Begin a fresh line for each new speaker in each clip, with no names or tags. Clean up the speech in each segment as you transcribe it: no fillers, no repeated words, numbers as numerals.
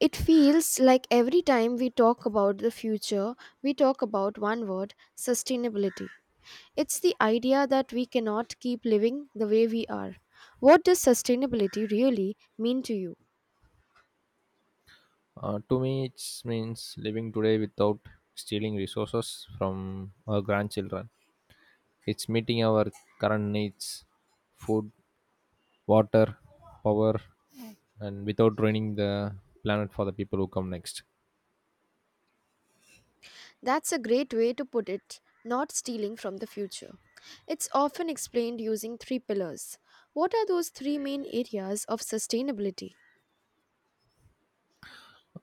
It feels like every time we talk about the future, we talk about one word sustainability. It's the idea that we cannot keep living the way we are. What does sustainability really mean to you?
To me, it means living today without stealing resources from our grandchildren. It's meeting our current needs, food, water, power, and without ruining the planet for the people who come next.
That's a great way to put it, not stealing from the future. It's often explained using three pillars. What are those three main areas of sustainability?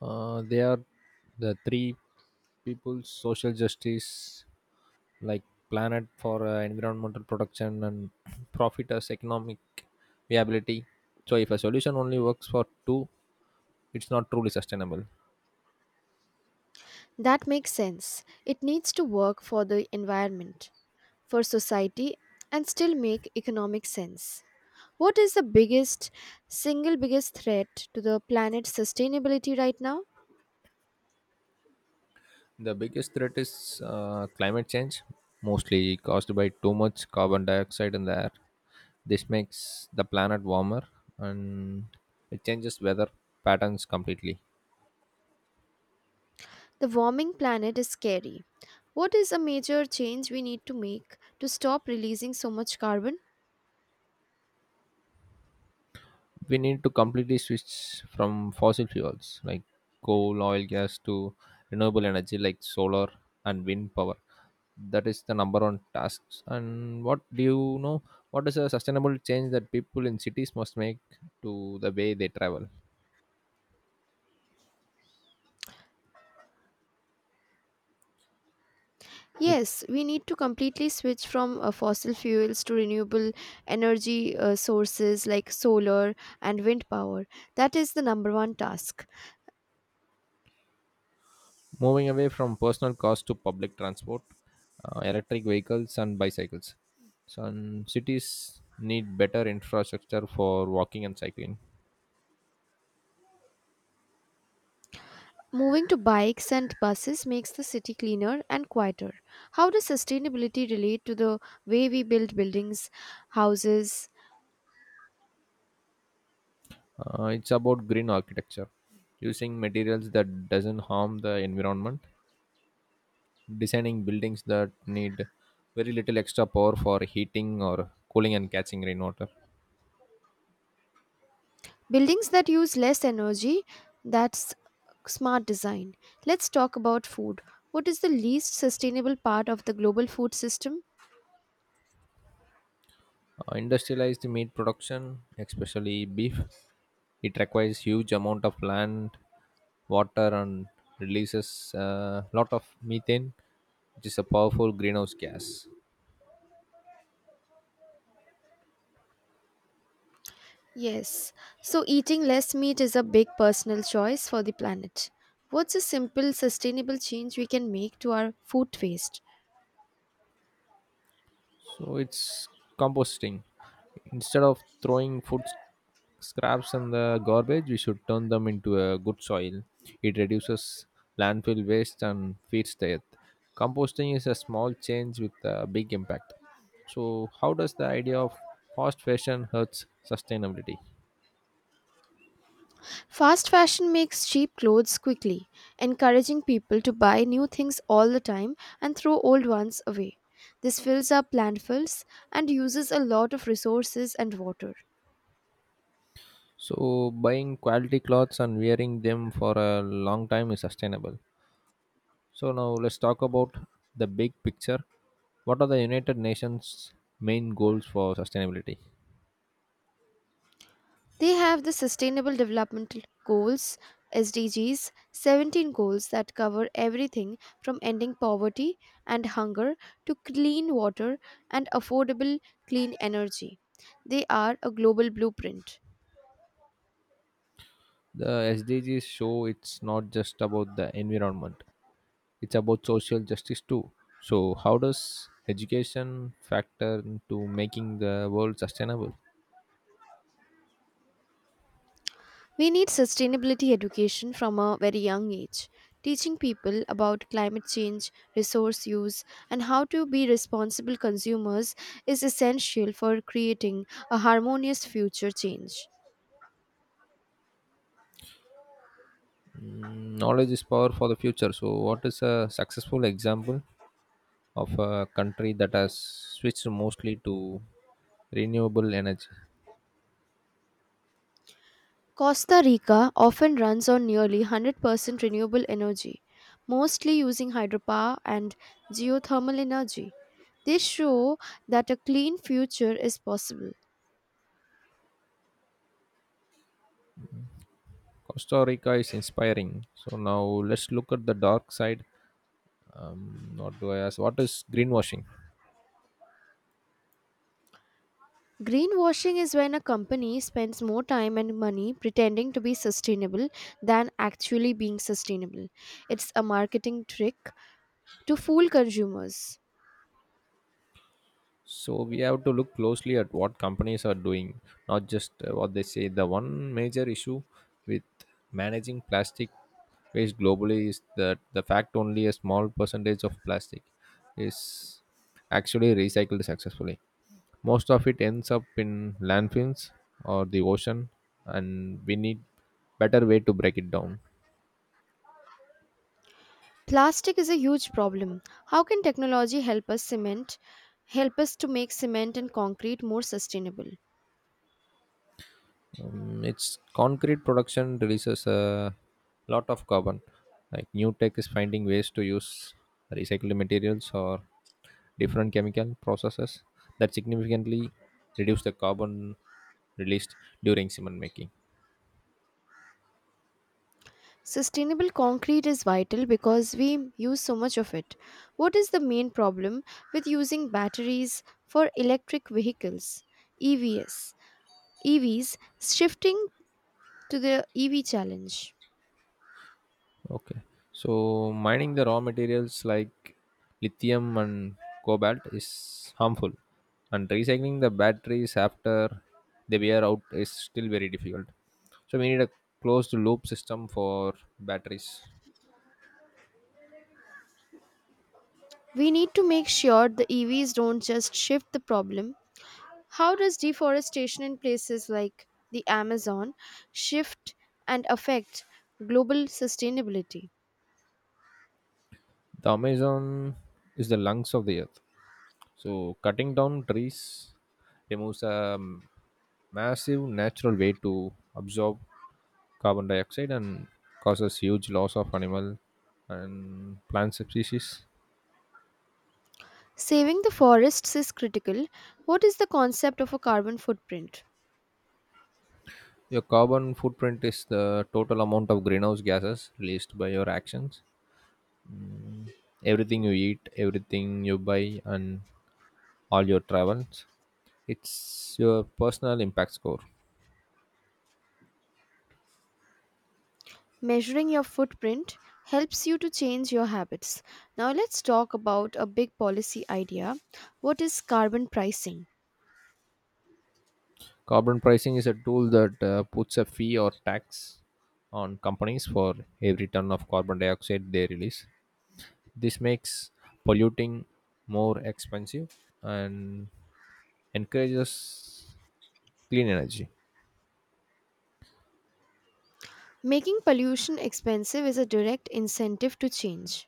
They are the three people's social justice, like planet for environmental protection and profit as economic viability. So if a solution only works for two, it's not truly sustainable.
That makes sense. It needs to work for the environment, for society, and still make economic sense. What is the biggest, single biggest threat to the planet's sustainability right now?
The biggest threat is climate change, mostly caused by too much carbon dioxide in the air. This makes the planet warmer and it changes weather patterns completely.
The warming planet is scary. What is a major change we need to make to stop releasing so much carbon?
We need to completely switch from fossil fuels like coal, oil, gas to renewable energy like solar and wind power. That is the number one task. And what do you know? What is a sustainable change that people in cities must make to the way they travel? Which
Yes, we need to completely switch from fossil fuels to renewable energy sources like solar and wind power. That is the number one task.
Moving away from personal cars to public transport, electric vehicles, and bicycles. Some cities need better infrastructure for walking and cycling.
Moving to bikes and buses makes the city cleaner and quieter. How does sustainability relate to the way we build buildings, houses,
It's about green architecture, using materials that doesn't harm the environment, designing buildings that need very little extra power for heating or cooling and catching rainwater.
buildings that use less energy? That's smart design. Let's talk about food. What is the least sustainable part of the global food system?
Industrialized meat production, especially beef, it requires huge amount of land, water, and releases a lot of methane, which is a powerful greenhouse gas.
Yes, so eating less meat is a big personal choice for the planet. What's a simple, sustainable change we can make to our food waste?
So it's composting. Instead of throwing food scraps and the garbage, we should turn them into a good soil. It reduces landfill waste and feeds the earth. Composting is a small change with a big impact. So how does the idea of fast fashion hurts sustainability?
Fast fashion makes cheap clothes quickly, encouraging people to buy new things all the time and throw old ones away. This fills up landfills and uses a lot of resources and water.
So buying quality clothes and wearing them for a long time is sustainable. So now let's talk about the big picture. What are the United Nations' main goals for sustainability?
They have the Sustainable Development Goals, SDGs, 17 goals that cover everything from ending poverty and hunger to clean water and affordable clean energy. They are a global blueprint.
The SDGs show it's not just about the environment, it's about social justice too. So how does education factor into making the world sustainable?
We need sustainability education from a very young age, teaching people about climate change, resource use, and how to be responsible consumers is essential for creating a harmonious future change.
Mm, knowledge is power for the future. So what is a successful example of a country that has switched mostly to renewable energy?
Costa Rica often runs on nearly 100% renewable energy, mostly using hydropower and geothermal energy. They show that a clean future is possible.
Costa Rica is inspiring. So now let's look at the dark side. What do I ask? What is greenwashing?
Greenwashing is when a company spends more time and money pretending to be sustainable than actually being sustainable. It's a marketing trick to fool consumers.
So we have to look closely at what companies are doing, not just what they say. The one major issue with managing plastic waste globally is that the fact only a small percentage of plastic is actually recycled successfully. Most of it ends up in landfills or the ocean, and we need better way to break it down.
Plastic is a huge problem. How can technology help us to make cement and concrete more sustainable?
Its concrete production releases a lot of carbon like new tech is finding ways to use recycled materials or different chemical processes that significantly reduce the carbon released during cement making.
Sustainable concrete is vital because we use so much of it. What is the main problem with using batteries for electric vehicles? EVs. EVs shifting to the EV challenge.
Okay. So mining the raw materials like lithium and cobalt is harmful, and recycling the batteries after they wear out is still very difficult. So we need a closed loop system for batteries.
We need to make sure the EVs don't just shift the problem. How does deforestation in places like the Amazon shift and affect global sustainability?
The Amazon is the lungs of the earth. So cutting down trees removes a massive natural way to absorb carbon dioxide and causes huge loss of animal and plant species.
Saving the forests is critical. What is the concept of a carbon footprint?
Your carbon footprint is the total amount of greenhouse gases released by your actions. Everything you eat, everything you buy, and all your travels. It's your personal impact score.
Measuring your footprint helps you to change your habits. Now, let's talk about a big policy idea. What is carbon pricing?
Carbon pricing is a tool that puts a fee or tax on companies for every ton of carbon dioxide they release. This makes polluting more expensive and encourages clean energy.
Making pollution expensive is a direct incentive to change.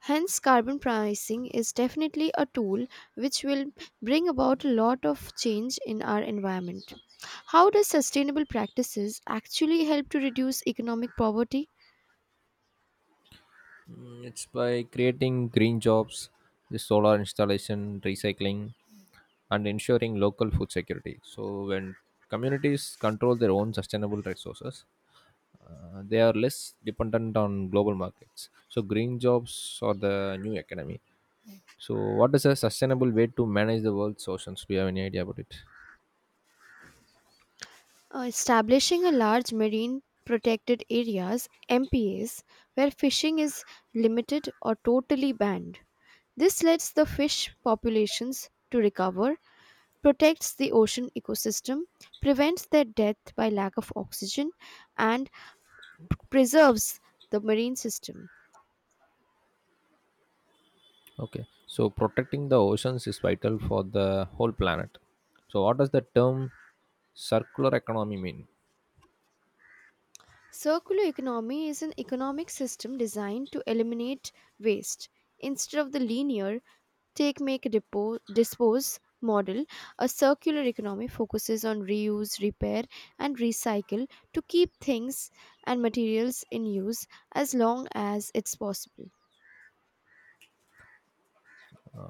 Hence, carbon pricing is definitely a tool which will bring about a lot of change in our environment. How does sustainable practices actually help to reduce economic poverty?
It's by creating green jobs, the solar installation, recycling, and ensuring local food security. So when communities control their own sustainable resources, they are less dependent on global markets. So green jobs are the new economy. So what is a sustainable way to manage the world's oceans? Do you have any idea about it?
Establishing a large marine protected areas, MPAs, where fishing is limited or totally banned. This lets the fish populations to recover, protects the ocean ecosystem, prevents their death by lack of oxygen, and preserves the marine system.
Okay, so protecting the oceans is vital for the whole planet. So what does the term circular economy mean?
Circular economy is an economic system designed to eliminate waste. Instead of the linear take, make, dispose model, a circular economy focuses on reuse, repair, and recycle to keep things and materials in use as long as it's possible.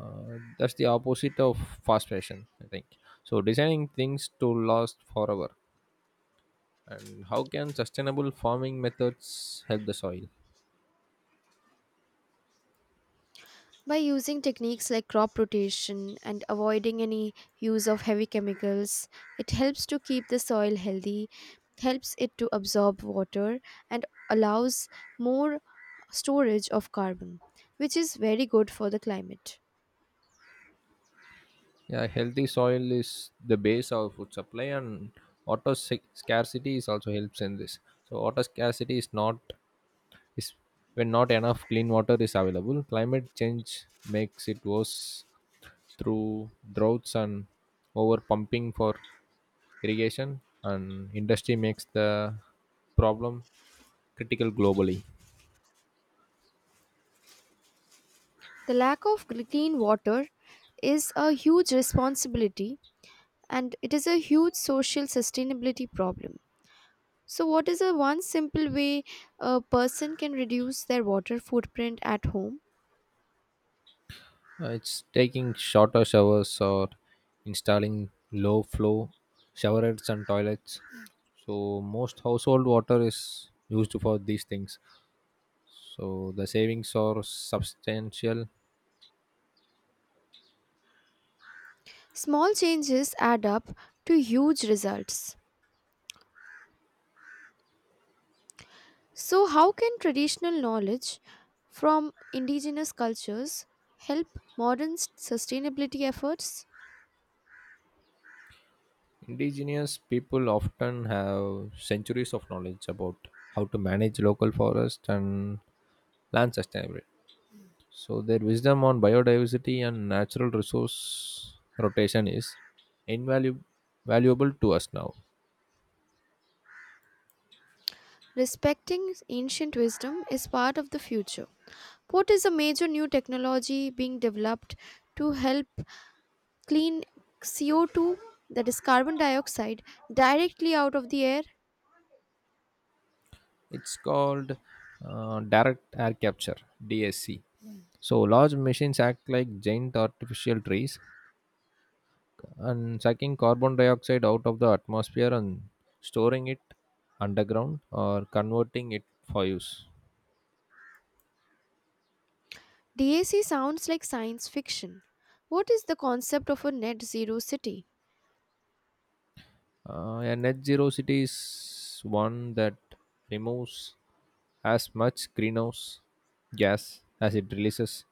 That's the opposite of fast fashion, I think. So designing things to last forever. And how can sustainable farming methods help the soil?
By using techniques like crop rotation and avoiding any use of heavy chemicals, it helps to keep the soil healthy, helps it to absorb water, and allows more storage of carbon, which is very good for the climate.
Yeah, healthy soil is the base of food supply, and water scarcity is also helps in this. So water scarcity is when not enough clean water is available. Climate change makes it worse through droughts and over pumping for irrigation, and industry makes the problem critical globally.
The lack of clean water is a huge responsibility and it is a huge social sustainability problem. So, what is a one simple way a person can reduce their water footprint at home?
It's taking shorter showers or installing low flow showerheads and toilets. So most household water is used for these things. So the savings are substantial.
Small changes add up to huge results. So, how can traditional knowledge from indigenous cultures help modern sustainability efforts?
Indigenous people often have centuries of knowledge about how to manage local forests and land sustainability. So their wisdom on biodiversity and natural resource rotation is invaluable valuable to us now.
Respecting ancient wisdom is part of the future. What is a major new technology being developed to help clean CO2, that is carbon dioxide, directly out of the air?
It's called direct air capture (DSC). So large machines act like giant artificial trees and sucking carbon dioxide out of the atmosphere and storing it underground or converting it for use.
DAC sounds like science fiction. What is the concept of a net zero city?
A net zero city is one that removes as much greenhouse gas as it releases.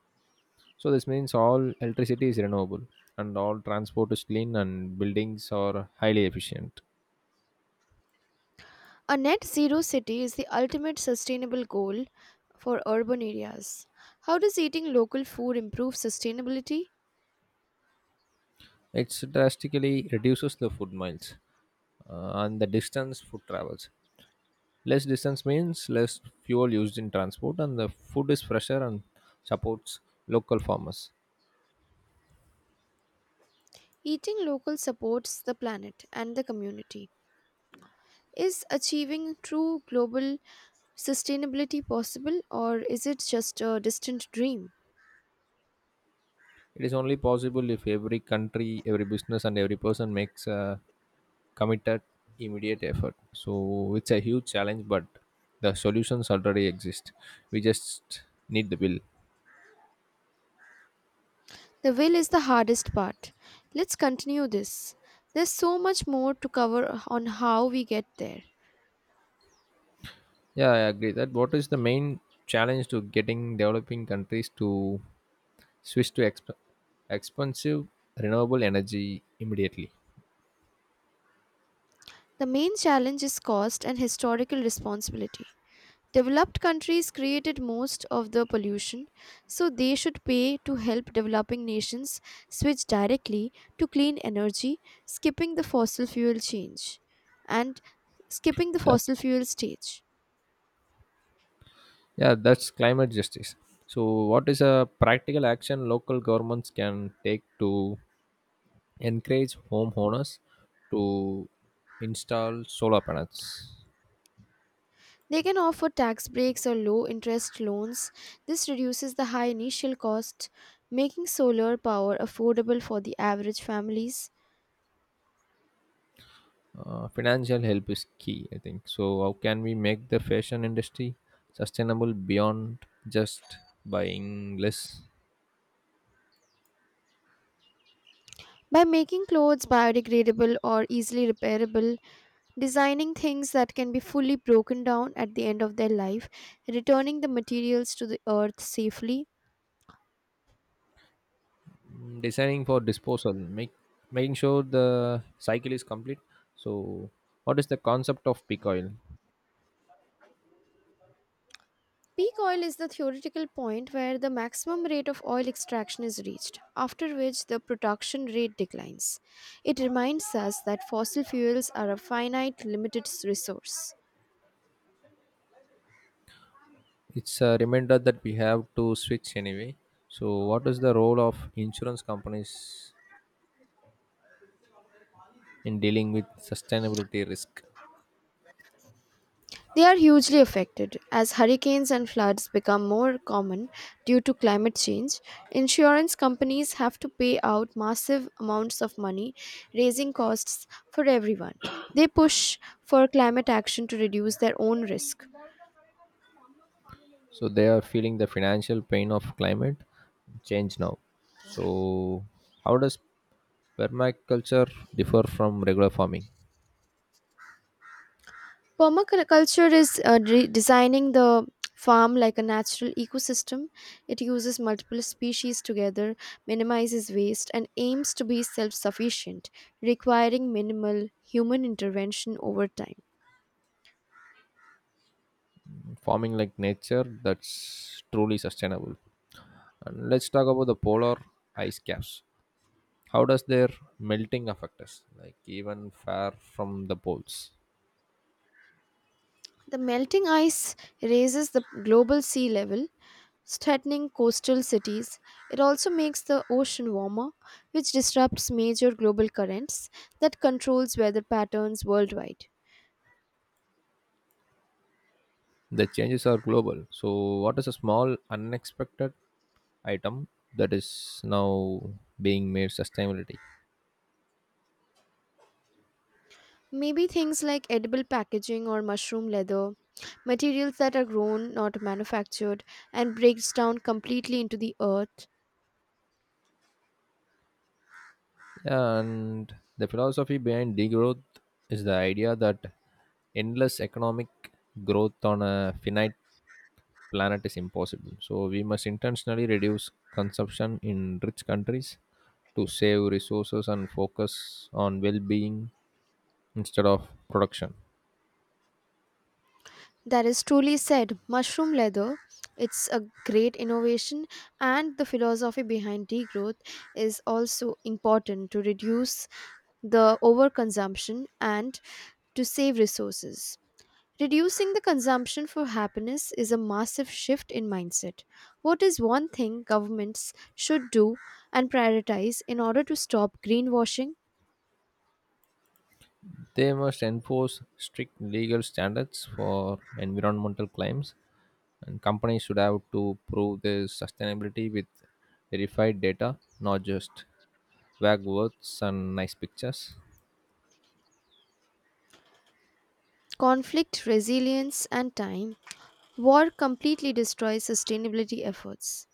So this means all electricity is renewable and all transport is clean and buildings are highly efficient.
A net zero city is the ultimate sustainable goal for urban areas. How does eating local food improve sustainability?
It drastically reduces the food miles and the distance food travels. Less distance means less fuel used in transport and the food is fresher and supports local farmers.
Eating local supports the planet and the community. Is achieving true global sustainability possible or is it just a distant dream?
It is only possible if every country, every business, and every person makes a committed, immediate effort. So it's a huge challenge, but the solutions already exist. We just need the will.
The will is the hardest part. Let's continue this. There's so much more to cover on how we get there.
Yeah, I agree that. What is the main challenge to getting developing countries to switch to expensive renewable energy immediately?
The main challenge is cost and historical responsibility. Developed countries created most of the pollution, so they should pay to help developing nations switch directly to clean energy, skipping the fossil fuel change and skipping the
That
fossil fuel stage.
yeah, that's climate justice. So what is a practical action local governments can take to encourage homeowners to install solar panels.
They can offer tax breaks or low interest loans. This reduces the high initial cost, making solar power affordable for the average families.
Financial help is key, I think. So how can we make the fashion industry sustainable beyond just buying less?
By making clothes biodegradable or easily repairable, designing things that can be fully broken down at the end of their life, returning the materials to the earth safely.
Mm, designing for disposal, make making sure the cycle is complete. So what is the concept of peak oil?
Peak oil is the theoretical point where the maximum rate of oil extraction is reached, after which the production rate declines. It reminds us that fossil fuels are a finite, limited resource.
It's a reminder that we have to switch anyway. So what is the role of insurance companies in dealing with sustainability risk?
They are hugely affected. As hurricanes and floods become more common due to climate change, insurance companies have to pay out massive amounts of money, raising costs for everyone. They push for climate action to reduce their own risk.
So they are feeling the financial pain of climate change now. So how does permaculture differ from regular farming?
Permaculture is designing the farm like a natural ecosystem. It uses multiple species together, minimizes waste, and aims to be self sufficient, requiring minimal human intervention over time.
Farming like nature, that's truly sustainable. And let's talk about the polar ice caps. How does their melting affect us, like even far from the poles?
The melting ice raises the global sea level, threatening coastal cities. It also makes the ocean warmer, which disrupts major global currents that controls weather patterns worldwide.
The changes are global. So what is a small unexpected item that is now being made sustainability?
Maybe things like edible packaging or mushroom leather, materials that are grown, not manufactured, and breaks down completely into the earth.
Yeah, and the philosophy behind degrowth is the idea that endless economic growth on a finite planet is impossible. So we must intentionally reduce consumption in rich countries to save resources and focus on well-being instead of production.
That is truly said, mushroom leather. It's a great innovation, and the philosophy behind degrowth is also important to reduce the overconsumption and to save resources. Reducing the consumption for happiness is a massive shift in mindset. What is one thing governments should do and prioritize in order to stop greenwashing?
They must enforce strict legal standards for environmental claims and companies should have to prove their sustainability with verified data, not just wagworths and nice pictures.
Conflict resilience and time. War completely destroys sustainability efforts.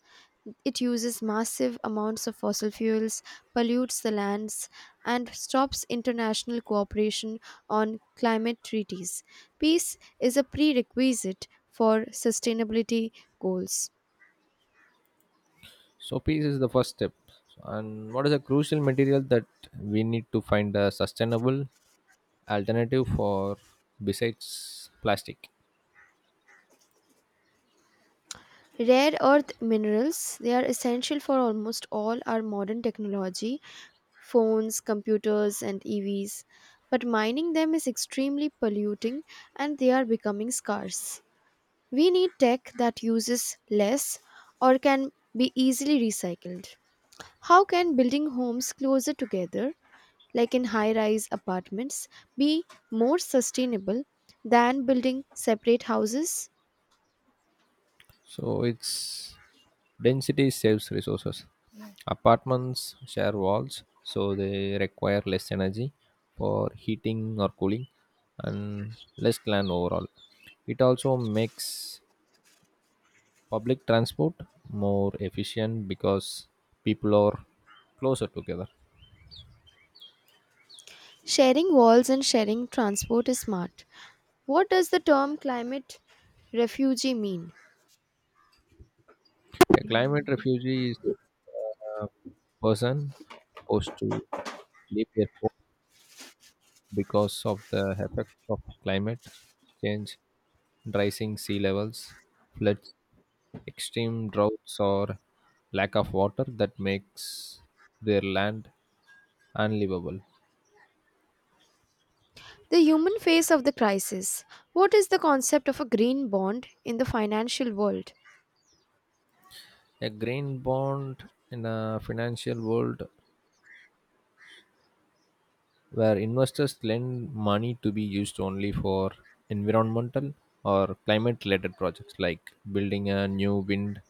It uses massive amounts of fossil fuels, pollutes the lands, and stops international cooperation on climate treaties. Peace is a prerequisite for sustainability goals.
So peace is the first step. And what is a crucial material that we need to find a sustainable alternative for besides plastic?
Rare earth minerals, they are essential for almost all our modern technology, phones, computers, and EVs. But mining them is extremely polluting and they are becoming scarce. We need tech that uses less or can be easily recycled. How can building homes closer together, like in high rise apartments, be more sustainable than building separate houses?
So it's density saves resources. Yeah. Apartments share walls, so they require less energy for heating or cooling and less land overall. It also makes public transport more efficient because people are closer together.
Sharing walls and sharing transport is smart. What does the term climate refugee mean?
A climate refugee is a person forced to leave their home because of the effects of climate change, rising sea levels, floods, extreme droughts, or lack of water that makes their land unlivable.
The human face of the crisis. What is the concept of a green bond in the financial world?
A green bond in a financial world where investors lend money to be used only for environmental or climate related projects like building a new wind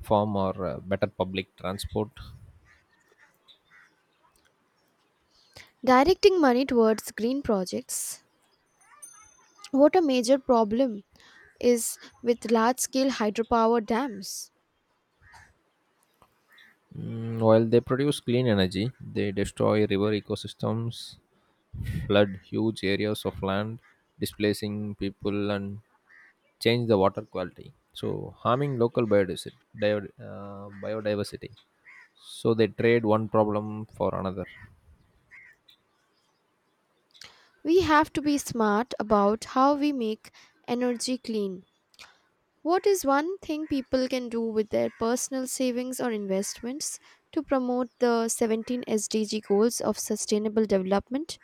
farm or better public transport.
Directing money towards green projects. What a major problem is with large scale hydropower dams.
Mm, while they produce clean energy, they destroy river ecosystems, flood huge areas of land, displacing people, and change the water quality. So, harming local biodiversity. Biodiversity. So they trade one problem for another.
We have to be smart about how we make energy clean. What is one thing people can do with their personal savings or investments to promote the 17 SDG goals of sustainable development?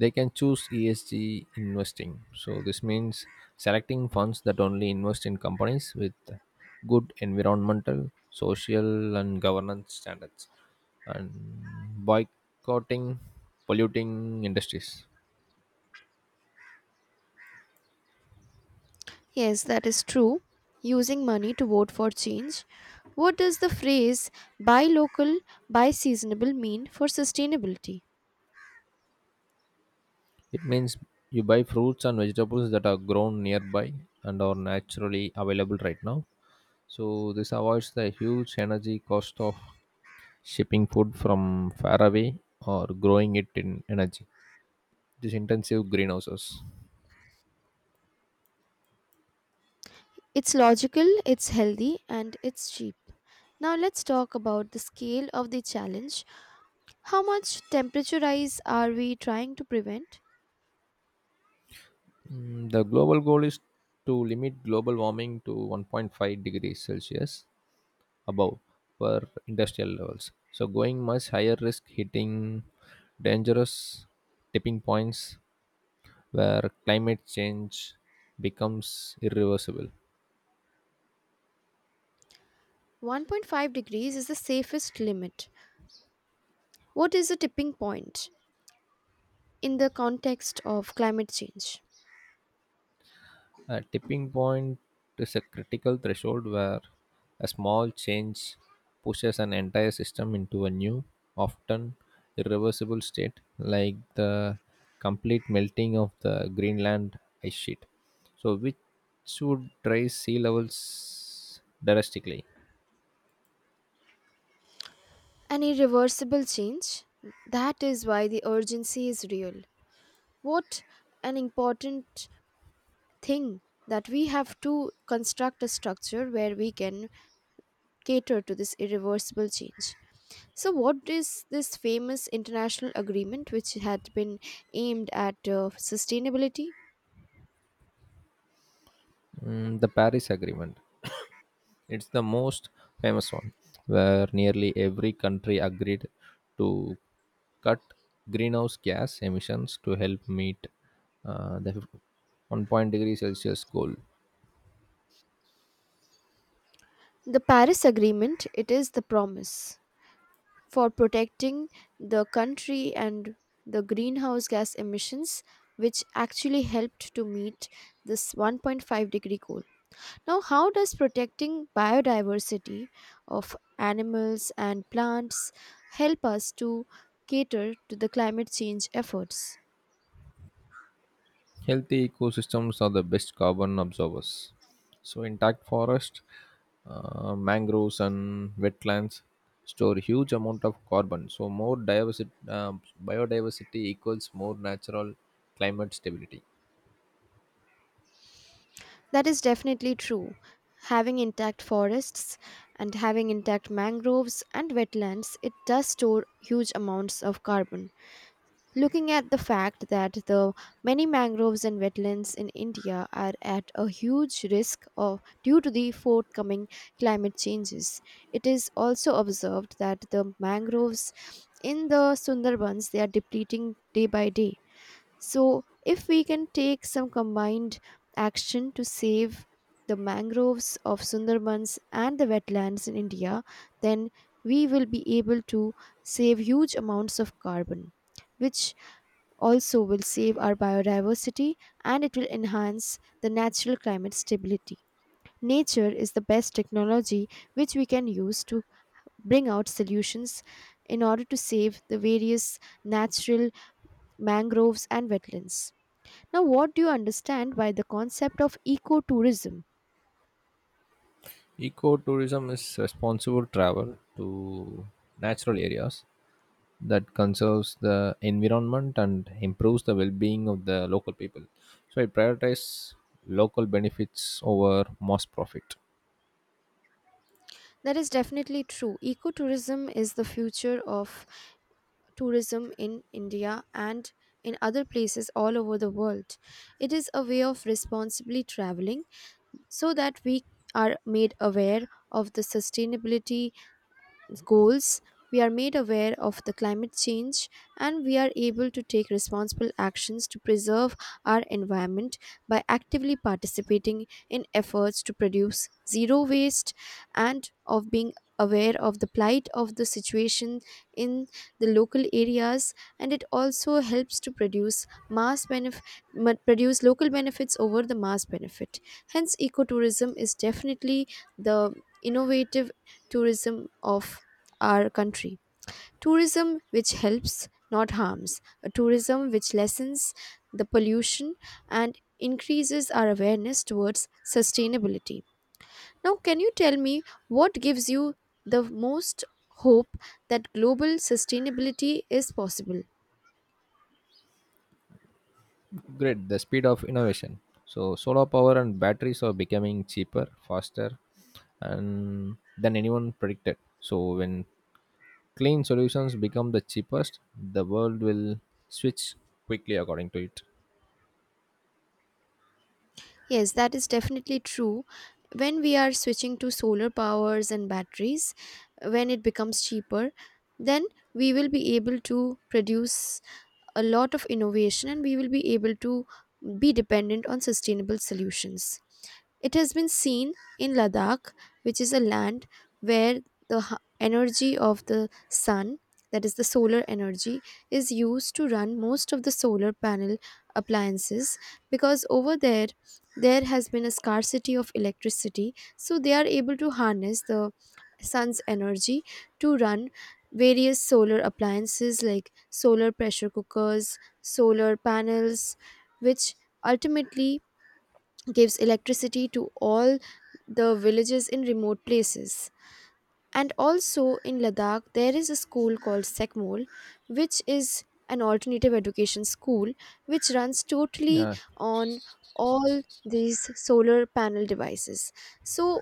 They can choose ESG investing. So this means selecting funds that only invest in companies with good environmental, social, and governance standards, and boycotting polluting industries.
Yes, that is true. Using money to vote for change. What does the phrase buy local, buy seasonable mean for sustainability?
It means you buy fruits and vegetables that are grown nearby and are naturally available right now. So this avoids the huge energy cost of shipping food from far away or growing it in energy these intensive greenhouses.
It's logical, it's healthy, and it's cheap. Now let's talk about the scale of the challenge. How much temperature rise are we trying to prevent?
Mm, the global goal is to limit global warming to 1.5 degrees Celsius above per industrial levels. So going much higher risk hitting dangerous tipping points where climate change becomes irreversible.
1.5 degrees is the safest limit. What is a tipping point in the context of climate change?
A tipping point is a critical threshold where a small change pushes an entire system into a new, often irreversible state, like the complete melting of the Greenland ice sheet. So, which would raise sea levels drastically.
An irreversible change? That is why the urgency is real. What an important thing that we have to construct a structure where we can cater to this irreversible change. So, what is this famous international agreement which had been aimed at sustainability?
Mm, the Paris Agreement. It's the most famous one, where nearly every country agreed to cut greenhouse gas emissions to help meet the 1 point degree Celsius goal.
The Paris Agreement, it is the promise for protecting the country and the greenhouse gas emissions which actually helped to meet this 1.5-degree goal. Now, how does protecting biodiversity of animals and plants help us to cater to the climate change efforts?
Healthy ecosystems are the best carbon absorbers. So intact forest, mangroves, and wetlands store huge amount of carbon. So more diversity, biodiversity equals more natural climate stability.
That is definitely true. Having intact forests and having intact mangroves and wetlands, it does store huge amounts of carbon. Looking at the fact that the many mangroves and wetlands in India are at a huge risk of due to the forthcoming climate changes, it is also observed that the mangroves in the Sundarbans they are depleting day by day. So if we can take some combined action to save the mangroves of Sundarbans and the wetlands in India, then we will be able to save huge amounts of carbon which also will save our biodiversity and it will enhance the natural climate stability. Nature is the best technology which we can use to bring out solutions in order to save the various natural mangroves and wetlands. Now, what do you understand by the concept of ecotourism?
Ecotourism is responsible travel to natural areas that conserves the environment and improves the well-being of the local people. So it prioritizes local benefits over mass profit.
That is definitely true. Ecotourism is the future of tourism in India and in other places all over the world. It is a way of responsibly traveling so that we are made aware of the sustainability goals, we are made aware of the climate change and we are able to take responsible actions to preserve our environment by actively participating in efforts to produce zero waste and of being aware of the plight of the situation in the local areas and it also helps to produce mass benef- produce local benefits over the mass benefit. Hence ecotourism is definitely the innovative tourism of our country. Tourism which helps, not harms. A tourism which lessens the pollution and increases our awareness towards sustainability. Now, can you tell me what gives you the most hope that global sustainability is possible?
Great, the speed of innovation. So solar power and batteries are becoming cheaper, faster, and than anyone predicted. So when clean solutions become the cheapest, the world will switch quickly according to it.
Yes, that is definitely true. When we are switching to solar powers and batteries, when it becomes cheaper, then we will be able to produce a lot of innovation and we will be able to be dependent on sustainable solutions. It has been seen in Ladakh, which is a land where the energy of the sun, that is the solar energy, is used to run most of the solar panel appliances because over there there has been a scarcity of electricity. So they are able to harness the sun's energy to run various solar appliances like solar pressure cookers, solar panels, which ultimately gives electricity to all the villages in remote places. And also in Ladakh, there is a school called Sekmol, which is an alternative education school which runs totally
Yeah.
on all these solar panel devices. So,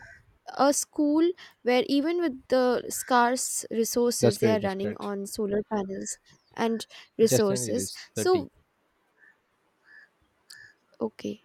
a school where even with the scarce
That's
resources, they are
great. That's
running
great.
on solar panels and
Justin, it
resources.
is 30.
So, okay.